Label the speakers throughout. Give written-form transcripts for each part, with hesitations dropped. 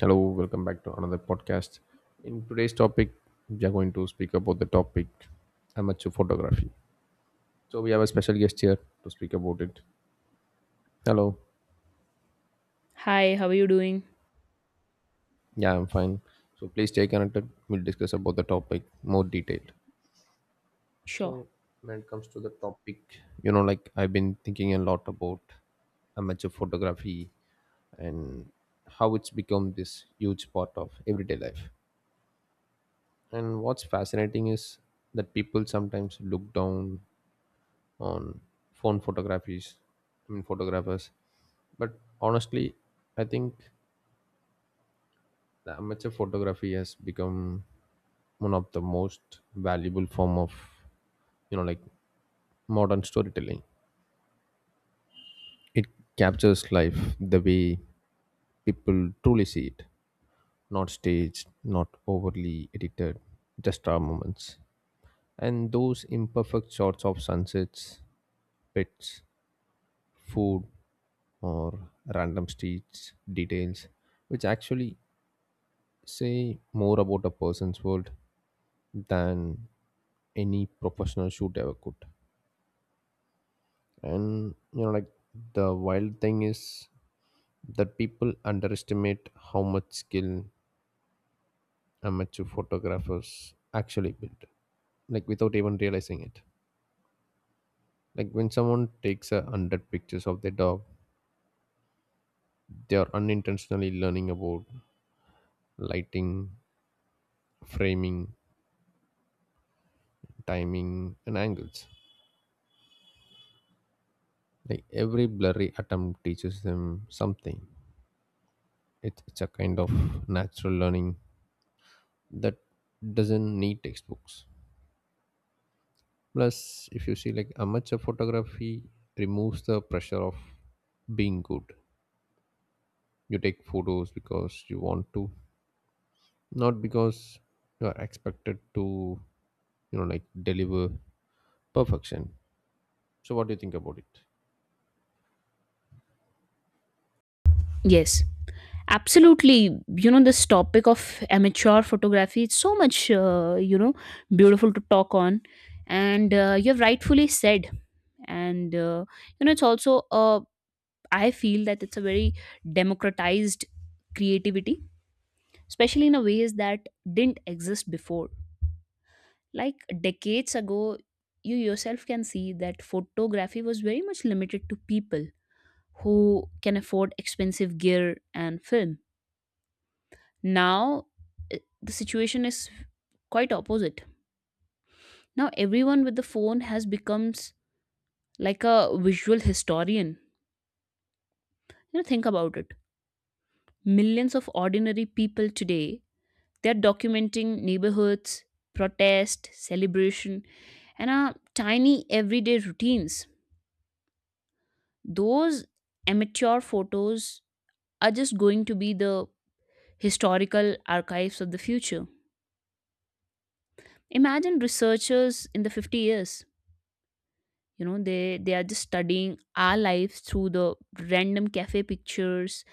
Speaker 1: Hello, welcome back to another podcast. In today's topic, we are going to speak about the topic amateur photography. So we have a special guest here to speak about it. Hello.
Speaker 2: Hi, how are you doing?
Speaker 1: Yeah, I'm fine. So please stay connected. We'll discuss about the topic more detailed.
Speaker 2: Sure.
Speaker 1: So when it comes to the topic, I've been thinking a lot about amateur photography and how it's become this huge part of everyday life. And what's fascinating is that people sometimes look down on phone photographies, I mean photographers. But honestly, I think the amateur photography has become one of the most valuable form of you know like modern storytelling. It captures life the way people truly see it, not staged, not overly edited, just our moments. And those imperfect shots of sunsets, pets, food, or random streets details, which actually say more about a person's world than any professional shoot ever could. And the wild thing is that people underestimate how much skill amateur photographers actually build, like without even realizing it. Like when someone takes a hundred pictures of their dog, they are unintentionally learning about lighting, framing, timing, and angles. Like every blurry attempt teaches them something. It's a kind of natural learning that doesn't need textbooks. Plus, if you see like amateur photography removes the pressure of being good. You take photos because you want to, not because you are expected to, like deliver perfection. So, what do you think about it?
Speaker 2: Yes, absolutely. You know, this topic of amateur photography, it's so much, you know, beautiful to talk on. And you've rightfully said. And, uh, you know, it's also, I feel that it's a very democratized creativity, especially in a ways that didn't exist before. Like decades ago, you yourself can see that photography was very much limited to people who can afford expensive gear and film. Now, the situation is quite opposite. Now, everyone with the phone has becomes like a visual historian. You know, think about it. Millions of ordinary people today, they're documenting neighborhoods, protest, celebration, and our tiny everyday routines. Those amateur photos are just going to be the historical archives of the future. Imagine researchers in the 50 years, you know, they are just studying our lives through the random cafe pictures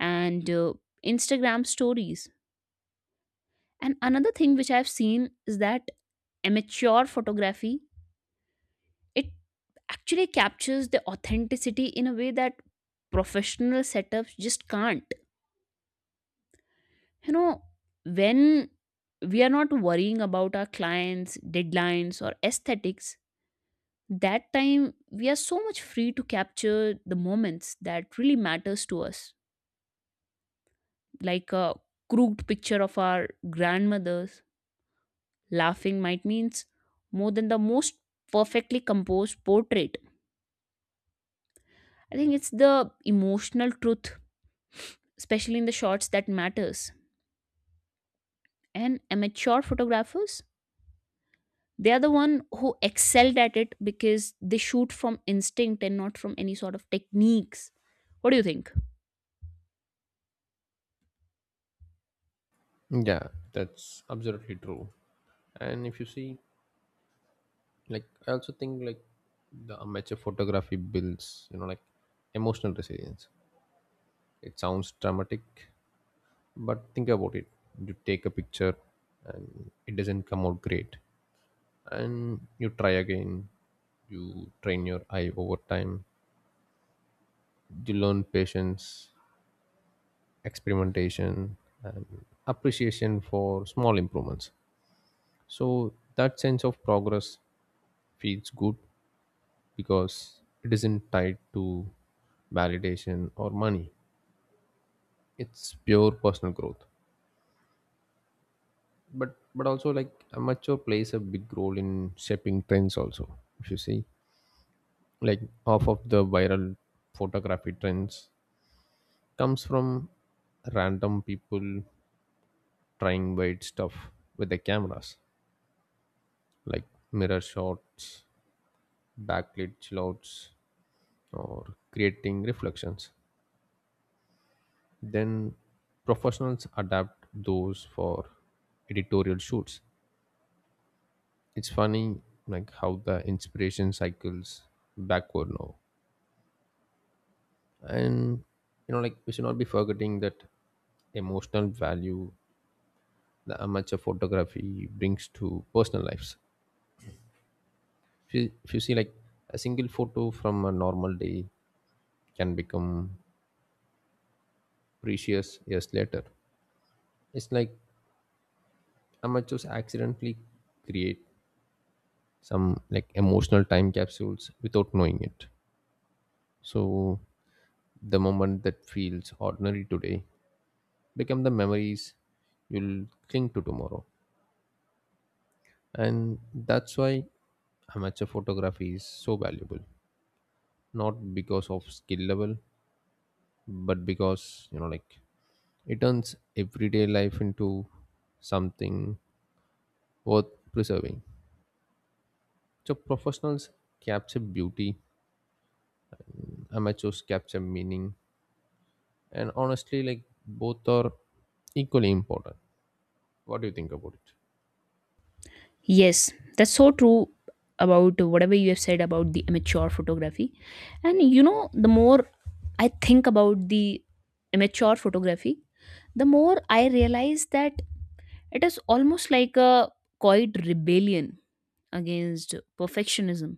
Speaker 2: and Instagram stories. And another thing which I've seen is that amateur photography it actually captures the authenticity in a way that professional setups just can't. You know, when we are not worrying about our clients, deadlines, or aesthetics, that time we are so much free to capture the moments that really matters to us, like a crooked picture of our grandmothers laughing might means more than the most perfectly composed portrait. I think it's the emotional truth, especially in the shots that matters. And amateur photographers, they are the one who excelled at it because they shoot from instinct and not from any sort of techniques. What do you think?
Speaker 1: Yeah, that's absolutely true. And if you see like I also think like the amateur photography builds emotional resilience. It sounds dramatic, but think about it. You take a picture and it doesn't come out great and you try again. You train your eye over time. You learn patience, experimentation, and appreciation for small improvements. So that sense of progress feels good because it isn't tied to validation or money. It's pure personal growth. But also like amateur plays a big role in shaping trends also. If you see like half of the viral photography trends comes from random people trying weird stuff with their cameras, like mirror shots, backlit chillouts, or creating reflections. Then professionals adapt those for editorial shoots. It's funny like how the inspiration cycles backward now. And like we should not be forgetting that emotional value the amateur photography brings to personal lives. If you see like a single photo from a normal day can become precious years later. It's like amateurs accidentally create some like emotional time capsules without knowing it. So the moment that feels ordinary today become the memories you'll cling to tomorrow. And that's why amateur photography is so valuable. Not because of skill level, but because like it turns everyday life into something worth preserving. So professionals capture beauty, amateurs capture meaning, and honestly like both are equally important. What do you think about it?
Speaker 2: Yes, that's so true about whatever you have said about the immature photography. And you know, the more I think about the immature photography, the more I realize that it is almost like a quiet rebellion against perfectionism,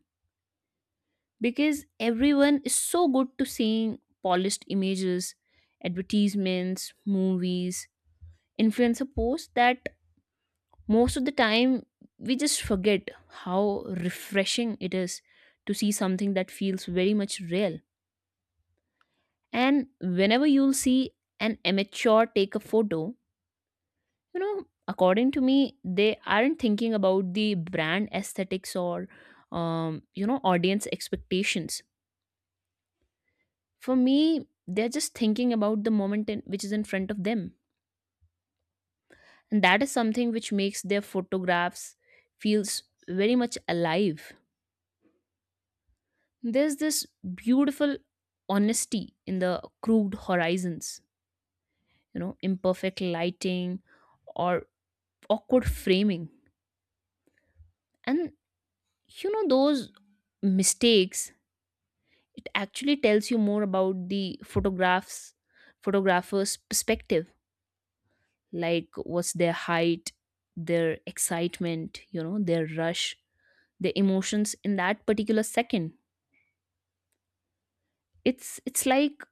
Speaker 2: because everyone is so good to seeing polished images, advertisements, movies, influencer posts, that most of the time we just forget how refreshing it is to see something that feels very much real. And whenever you'll see an amateur take a photo, you know, according to me they aren't thinking about the brand aesthetics or you know, audience expectations. For me, they're just thinking about the moment in, which is in front of them. And that is something which makes their photographs feels very much alive. There's this beautiful honesty in the crude horizons, you know, imperfect lighting or awkward framing. And you know, those mistakes, it actually tells you more about the photographs, photographer's perspective, like what's their height, their excitement, you know, their rush, their emotions in that particular second. It's like,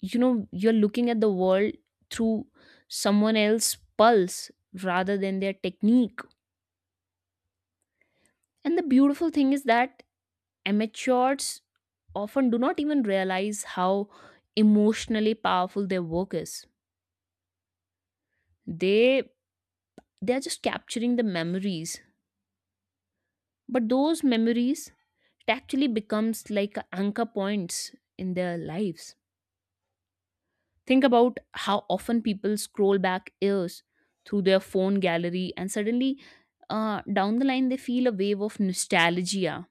Speaker 2: you know, you're looking at the world through someone else's pulse rather than their technique. And the beautiful thing is that amateurs often do not even realize how emotionally powerful their work is. They they are just capturing the memories, but those memories, it actually becomes like anchor points in their lives. Think about how often people scroll back years through their phone gallery and suddenly, down the line, they feel a wave of nostalgia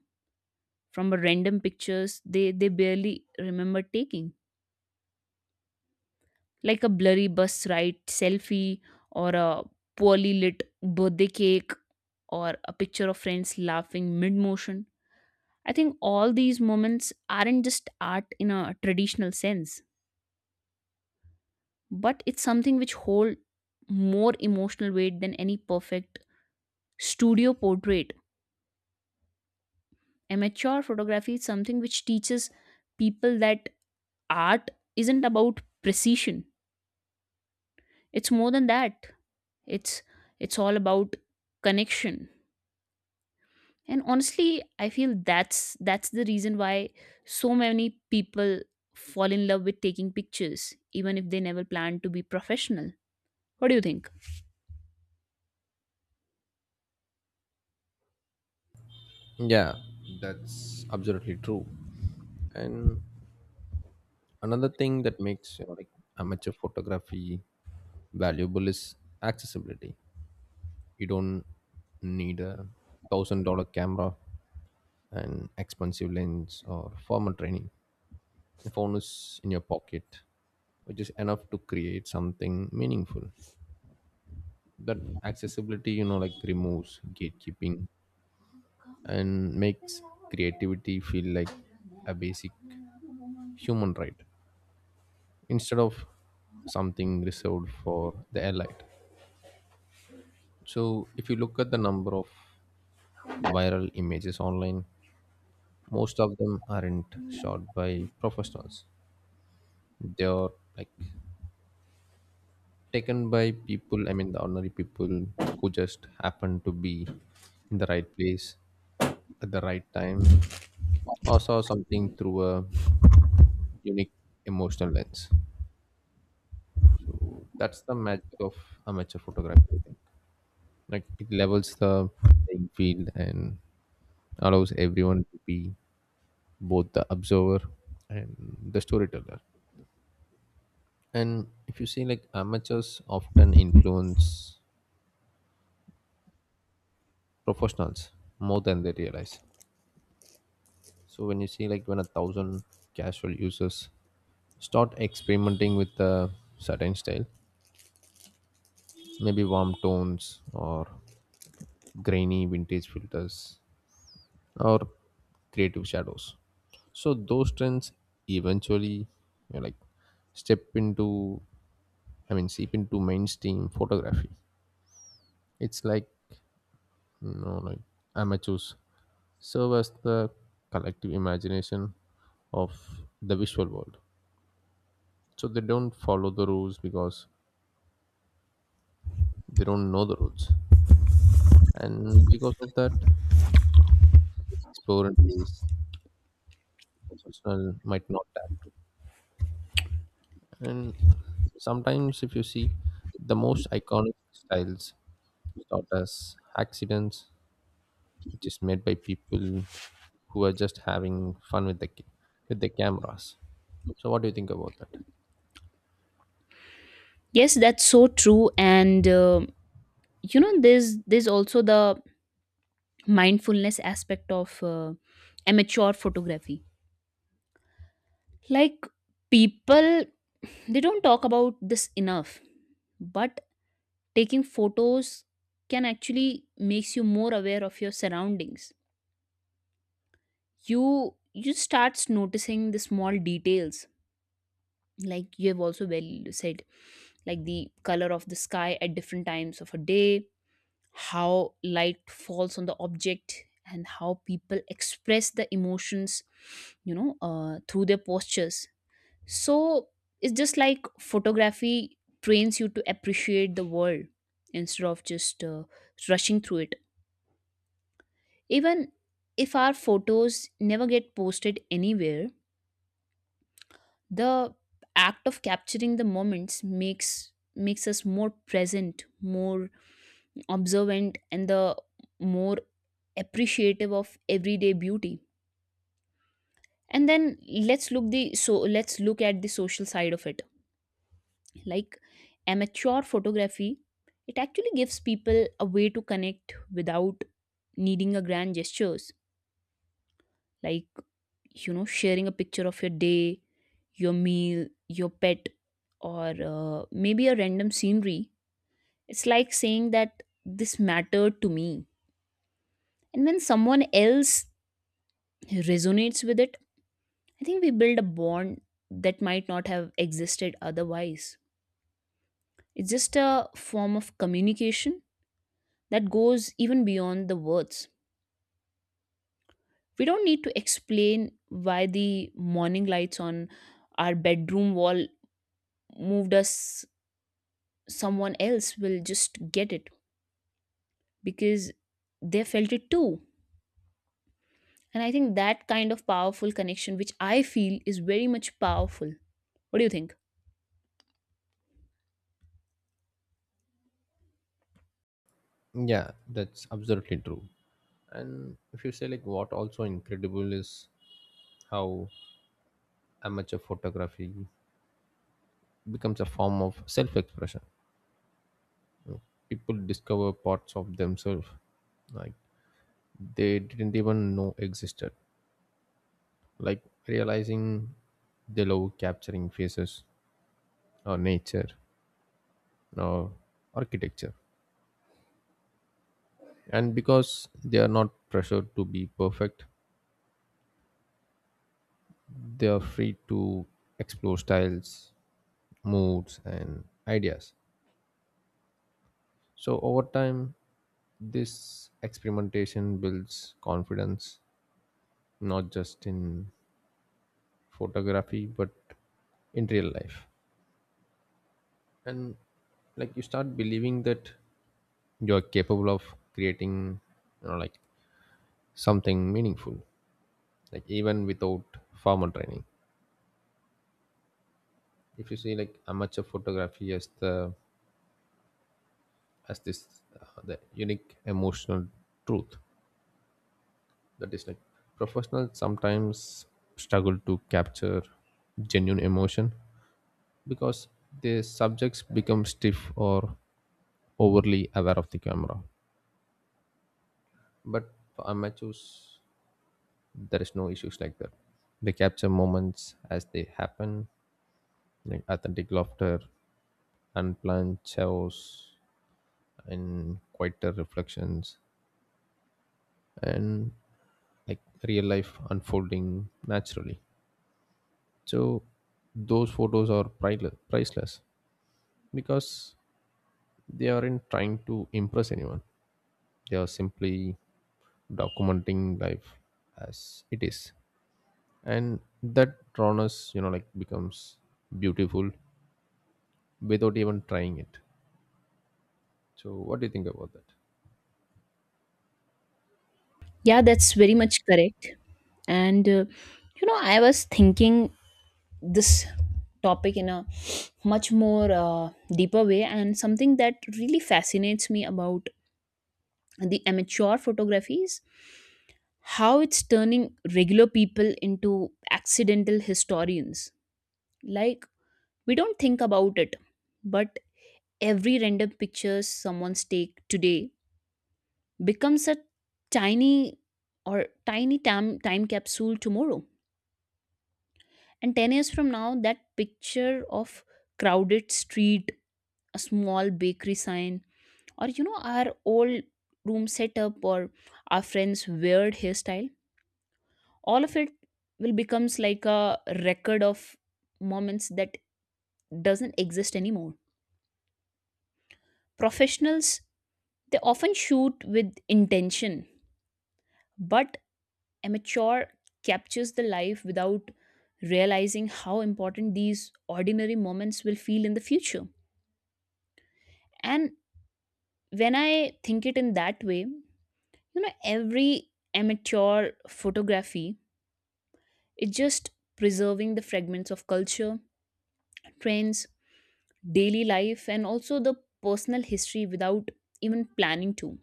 Speaker 2: from a random pictures they barely remember taking, like a blurry bus ride selfie, or a poorly lit birthday cake, or a picture of friends laughing mid motion. I think all these moments aren't just art in a traditional sense, but it's something which hold more emotional weight than any perfect studio portrait. Amateur photography is something which teaches people that art isn't about precision, it's more than that. It's it's all about connection. And honestly, I feel that's the reason why so many people fall in love with taking pictures even if they never plan to be professional. What do you think?
Speaker 1: Yeah, that's absolutely true. And another thing that makes amateur photography valuable is accessibility. You don't need $1,000 camera, an expensive lens, or formal training. The phone is in your pocket, which is enough to create something meaningful. That accessibility like removes gatekeeping and makes creativity feel like a basic human right instead of something reserved for the elite. So, if you look at the number of viral images online, most of them aren't shot by professionals. They are like taken by people, I mean, the ordinary people who just happen to be in the right place at the right time or saw something through a unique emotional lens. So that's the magic of amateur photography, I think. Like it levels the playing field and allows everyone to be both the observer and the storyteller. And if you see, like amateurs often influence professionals more than they realize. So when you see, like when a thousand casual users start experimenting with a certain style, maybe warm tones or grainy vintage filters or creative shadows, so those trends eventually like step into, I mean seep into mainstream photography. It's like like amateurs serve as the collective imagination of the visual world. So they don't follow the rules because they don't know the rules, and because of that explore and pace professional might not adapt. And sometimes if you see the most iconic styles start as accidents, which is made by people who are just having fun with with the cameras. So, what do you think about that?
Speaker 2: Yes, that's so true. And you know, there's also the mindfulness aspect of amateur photography. Like people, they don't talk about this enough, but taking photos can actually makes you more aware of your surroundings. You starts noticing the small details, like you have also well said, like the color of the sky at different times of a day, how light falls on the object, and how people express the emotions, you know, through their postures. So it's just like photography trains you to appreciate the world instead of just rushing through it. Even if our photos never get posted anywhere, the act of capturing the moments makes us more present, more observant, and the more appreciative of everyday beauty. And then let's look the so let's look at the social side of it. Like amateur photography, it actually gives people a way to connect without needing a grand gestures, like, you know, sharing a picture of your day, your meal, your pet, or maybe a random scenery. It's like saying that this mattered to me. And when someone else resonates with it, I think we build a bond that might not have existed otherwise. It's just a form of communication that goes even beyond the words. We don't need to explain why the morning lights on our bedroom wall moved us. Someone else will just get it because they felt it too. And I think that kind of powerful connection, which I feel is very much powerful. What do you think?
Speaker 1: Yeah, that's absolutely true. And if you say like what also incredible is how amateur photography becomes a form of self-expression. People discover parts of themselves like they didn't even know existed. Like realizing they love capturing faces or nature or architecture. And because they are not pressured to be perfect, they are free to explore styles, moods, and ideas. So, over time, this experimentation builds confidence not just in photography but in real life. And like you start believing that you're capable of creating, like something meaningful, like even without formal training. If you see like amateur photography as the as this the unique emotional truth, that is like professionals sometimes struggle to capture genuine emotion because the subjects become stiff or overly aware of the camera. But for amateurs there is no issues like that. They capture moments as they happen, like authentic laughter, unplanned chaos, and quieter reflections, and like real life unfolding naturally. So those photos are priceless because they aren't trying to impress anyone. They are simply documenting life as it is, and that rawness, like becomes beautiful without even trying it. So what do you think about that?
Speaker 2: Yeah, that's very much correct. And you know, I was thinking this topic in a much more deeper way, and something that really fascinates me about the amateur photographies, how it's turning regular people into accidental historians. Like we don't think about it, but every random pictures someone's take today becomes a tiny or tiny time capsule tomorrow. And 10 years from now, that picture of crowded street, a small bakery sign, or you know, our old room setup, or our friends weird hairstyle, all of it will becomes like a record of moments that doesn't exist anymore. Professionals, they often shoot with intention, but amateur captures the life without realizing how important these ordinary moments will feel in the future. And when I think it in that way, you know, every amateur photography is just preserving the fragments of culture, trends, daily life, and also the personal history without even planning to.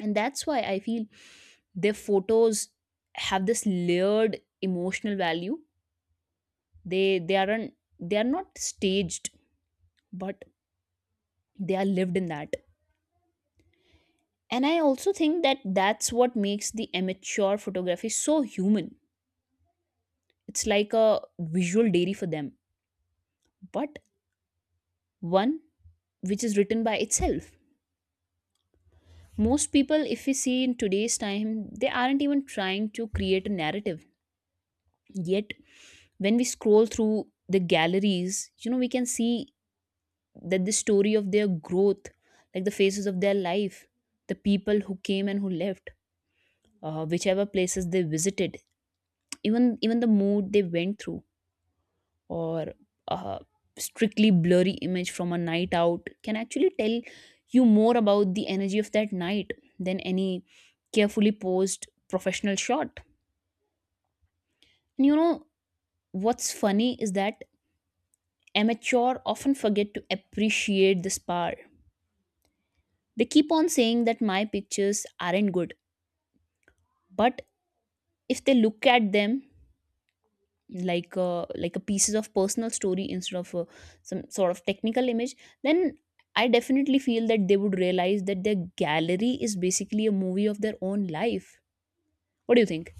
Speaker 2: And that's why I feel their photos have this layered emotional value. They aren't, they are not staged, but they are lived in that. And I also think that that's what makes the amateur photography so human. It's like a visual diary for them, but one which is written by itself. Most people, if we see in today's time, they aren't even trying to create a narrative. Yet, when we scroll through the galleries, you know, we can see that the story of their growth, like the phases of their life, the people who came and who left, whichever places they visited, even the mood they went through, or a strictly blurry image from a night out can actually tell you more about the energy of that night than any carefully posed professional shot. And you know what's funny is that amateur often forget to appreciate the spar. They keep on saying that my pictures aren't good, but if they look at them like a pieces of personal story instead of a, some sort of technical image, then I definitely feel that they would realize that their gallery is basically a movie of their own life. What do you think?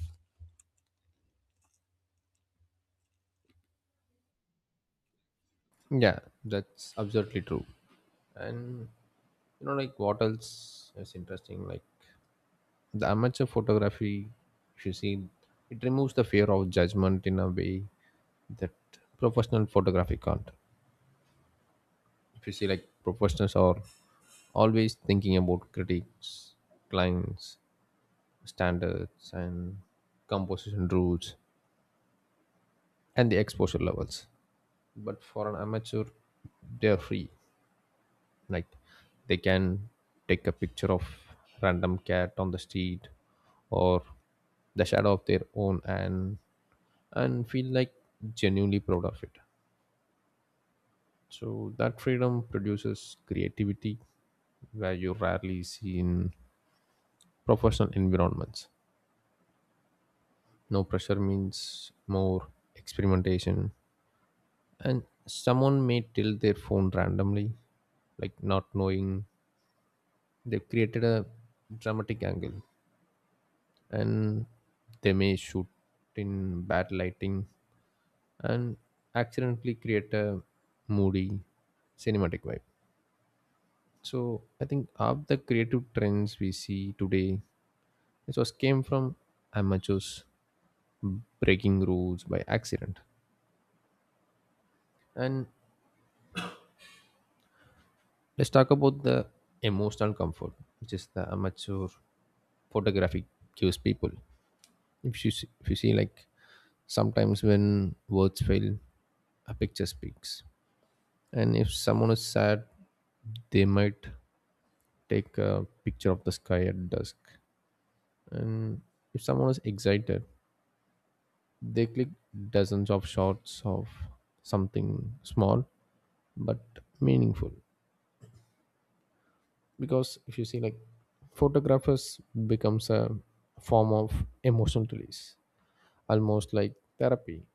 Speaker 1: Yeah, that's absolutely true. And like what else is interesting? Like the amateur photography, if you see, it removes the fear of judgment in a way that professional photography can't. If you see, like professionals are always thinking about critics, clients, standards, and composition rules and the exposure levels. But for an amateur, they are free. Like they can take a picture of random cat on the street or the shadow of their own, and feel like genuinely proud of it. So that freedom produces creativity where you rarely see in professional environments. No pressure means more experimentation, and someone may tilt their phone randomly, like not knowing they've created a dramatic angle. And they may shoot in bad lighting and accidentally create a moody cinematic vibe. So I think half the creative trends we see today, it was came from amateurs breaking rules by accident. And let's talk about the emotional comfort, which is the amateur photography gives people. If you see like sometimes when words fail, a picture speaks. And if someone is sad, they might take a picture of the sky at dusk. And if someone is excited, they click dozens of shots of something small but meaningful. Because if you see, like, photographers becomes a form of emotional release, almost like therapy.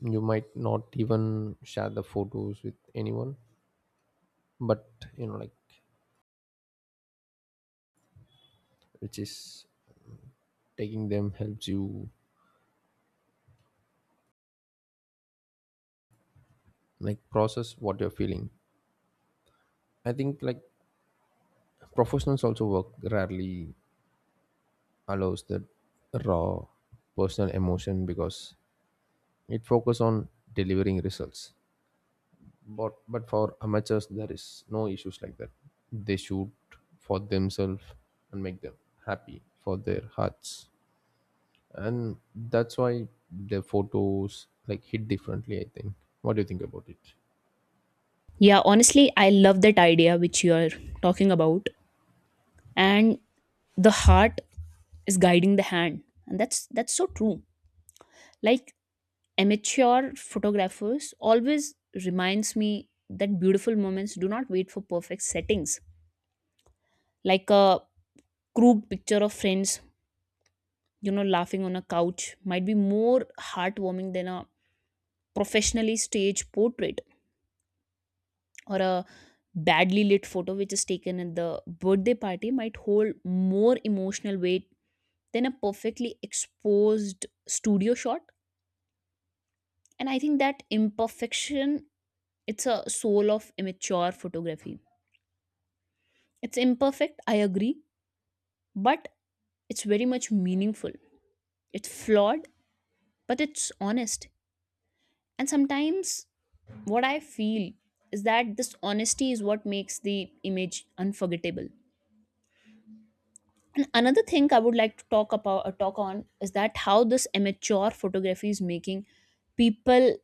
Speaker 1: You might not even share the photos with anyone, but which is taking them helps you like process what you're feeling. I think like professionals also work rarely allows the raw personal emotion because it focus on delivering results. But for amateurs there is no issues like that. They shoot for themselves and make them happy for their hearts. And that's why the photos like hit differently I think. What do you think about it?
Speaker 2: Yeah, honestly, I love that idea which you are talking about, and the heart is guiding the hand, and that's so true. Like amateur photographers always reminds me that beautiful moments do not wait for perfect settings, like a crude picture of friends, you know, laughing on a couch might be more heartwarming than a professionally staged portrait, or a badly lit photo which is taken at the birthday party might hold more emotional weight than a perfectly exposed studio shot. And I think that imperfection, it's a soul of immature photography. It's imperfect, I agree, but it's very much meaningful. It's flawed, but it's honest. And sometimes what I feel is that this honesty is what makes the image unforgettable. And another thing I would like to talk about talk on is that how this amateur photography is making people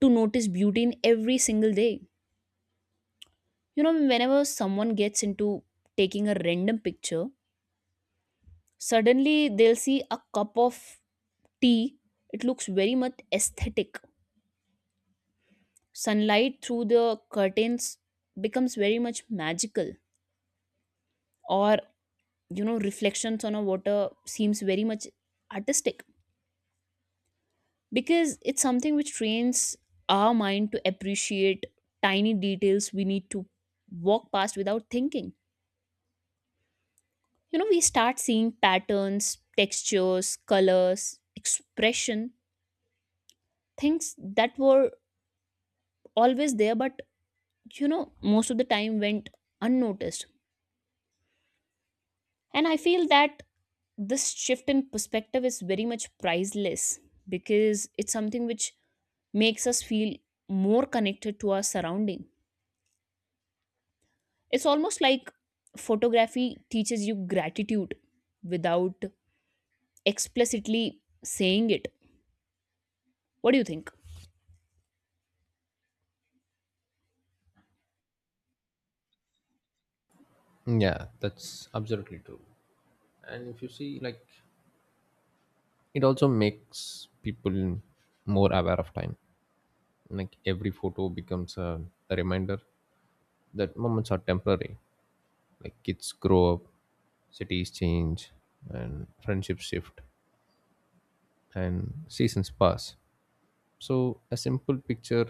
Speaker 2: to notice beauty in every single day. You know, whenever someone gets into taking a random picture, suddenly they'll see a cup of tea, it looks very much aesthetic. Sunlight through the curtains becomes very much magical, or you know, reflections on a water seems very much artistic, because it's something which trains our mind to appreciate tiny details we need to walk past without thinking. You know, we start seeing patterns, textures, colors, expression, things that were always there but you know most of the time went unnoticed. And I feel that this shift in perspective is very much priceless, because it's something which makes us feel more connected to our surrounding. It's almost like photography teaches you gratitude without explicitly saying it. What do you think?
Speaker 1: Yeah, that's absolutely true. And if you see like it also makes people more aware of time. Like every photo becomes a reminder that moments are temporary, like kids grow up, cities change, and friendships shift, and seasons pass. So a simple picture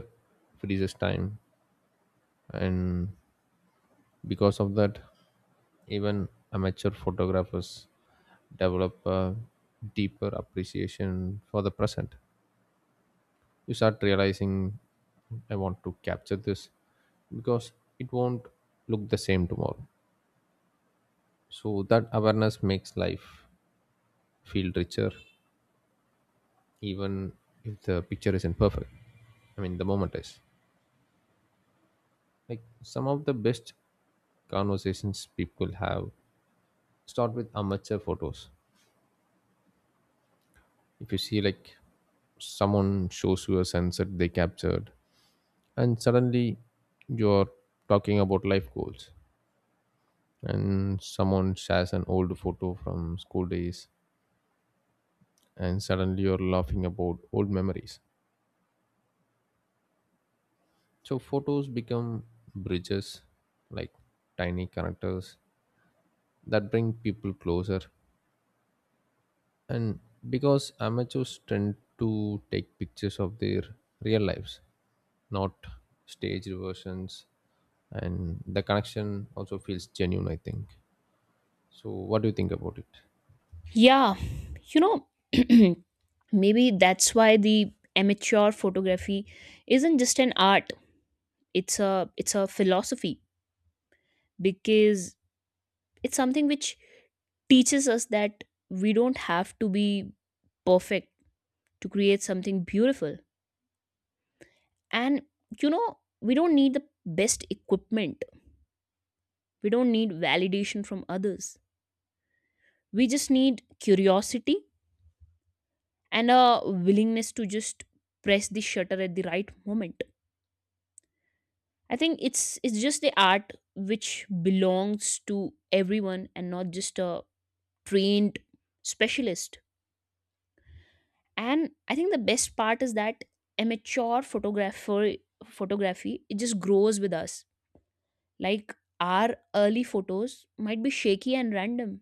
Speaker 1: freezes time, and because of that even amateur photographers develop a deeper appreciation for the present. You start realizing I want to capture this because it won't look the same tomorrow. So that awareness makes life feel richer, even if the picture isn't perfect. I mean, the moment is like some of the best conversations people have start with amateur photos. If you see like someone shows you a sunset they captured, and suddenly you're talking about life goals, and someone shares an old photo from school days and suddenly you're laughing about old memories. So photos become bridges, like tiny connectors that bring people closer. And because amateurs tend to take pictures of their real lives, not staged versions, and the connection also feels genuine I think. So what do you think about it?
Speaker 2: Yeah, you know, maybe that's why the amateur photography isn't just an art, it's a philosophy, because it's something which teaches us that we don't have to be perfect to create something beautiful. And you know, we don't need the best equipment, we don't need validation from others. We just need curiosity and a willingness to just press the shutter at the right moment. I think it's just the art which belongs to everyone and not just a trained specialist. And I think the best part is that amateur photographer photography it just grows with us. Like our early photos might be shaky and random,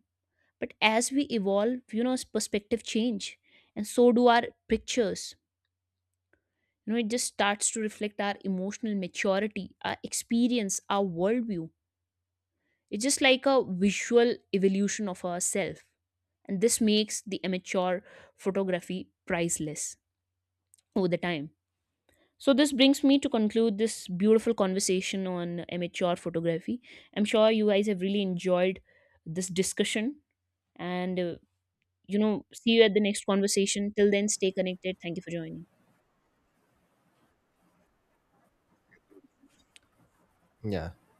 Speaker 2: but as we evolve, you know, perspective change, and so do our pictures. You know, it just starts to reflect our emotional maturity, our experience, our worldview. It's just like a visual evolution of ourself, and this makes the amateur photography priceless over the time. So, this brings me to conclude this beautiful conversation on amateur photography. I'm sure you guys have really enjoyed this discussion. And, you know, see you at the next conversation. Till then, stay connected. Thank you for joining.
Speaker 1: Yeah,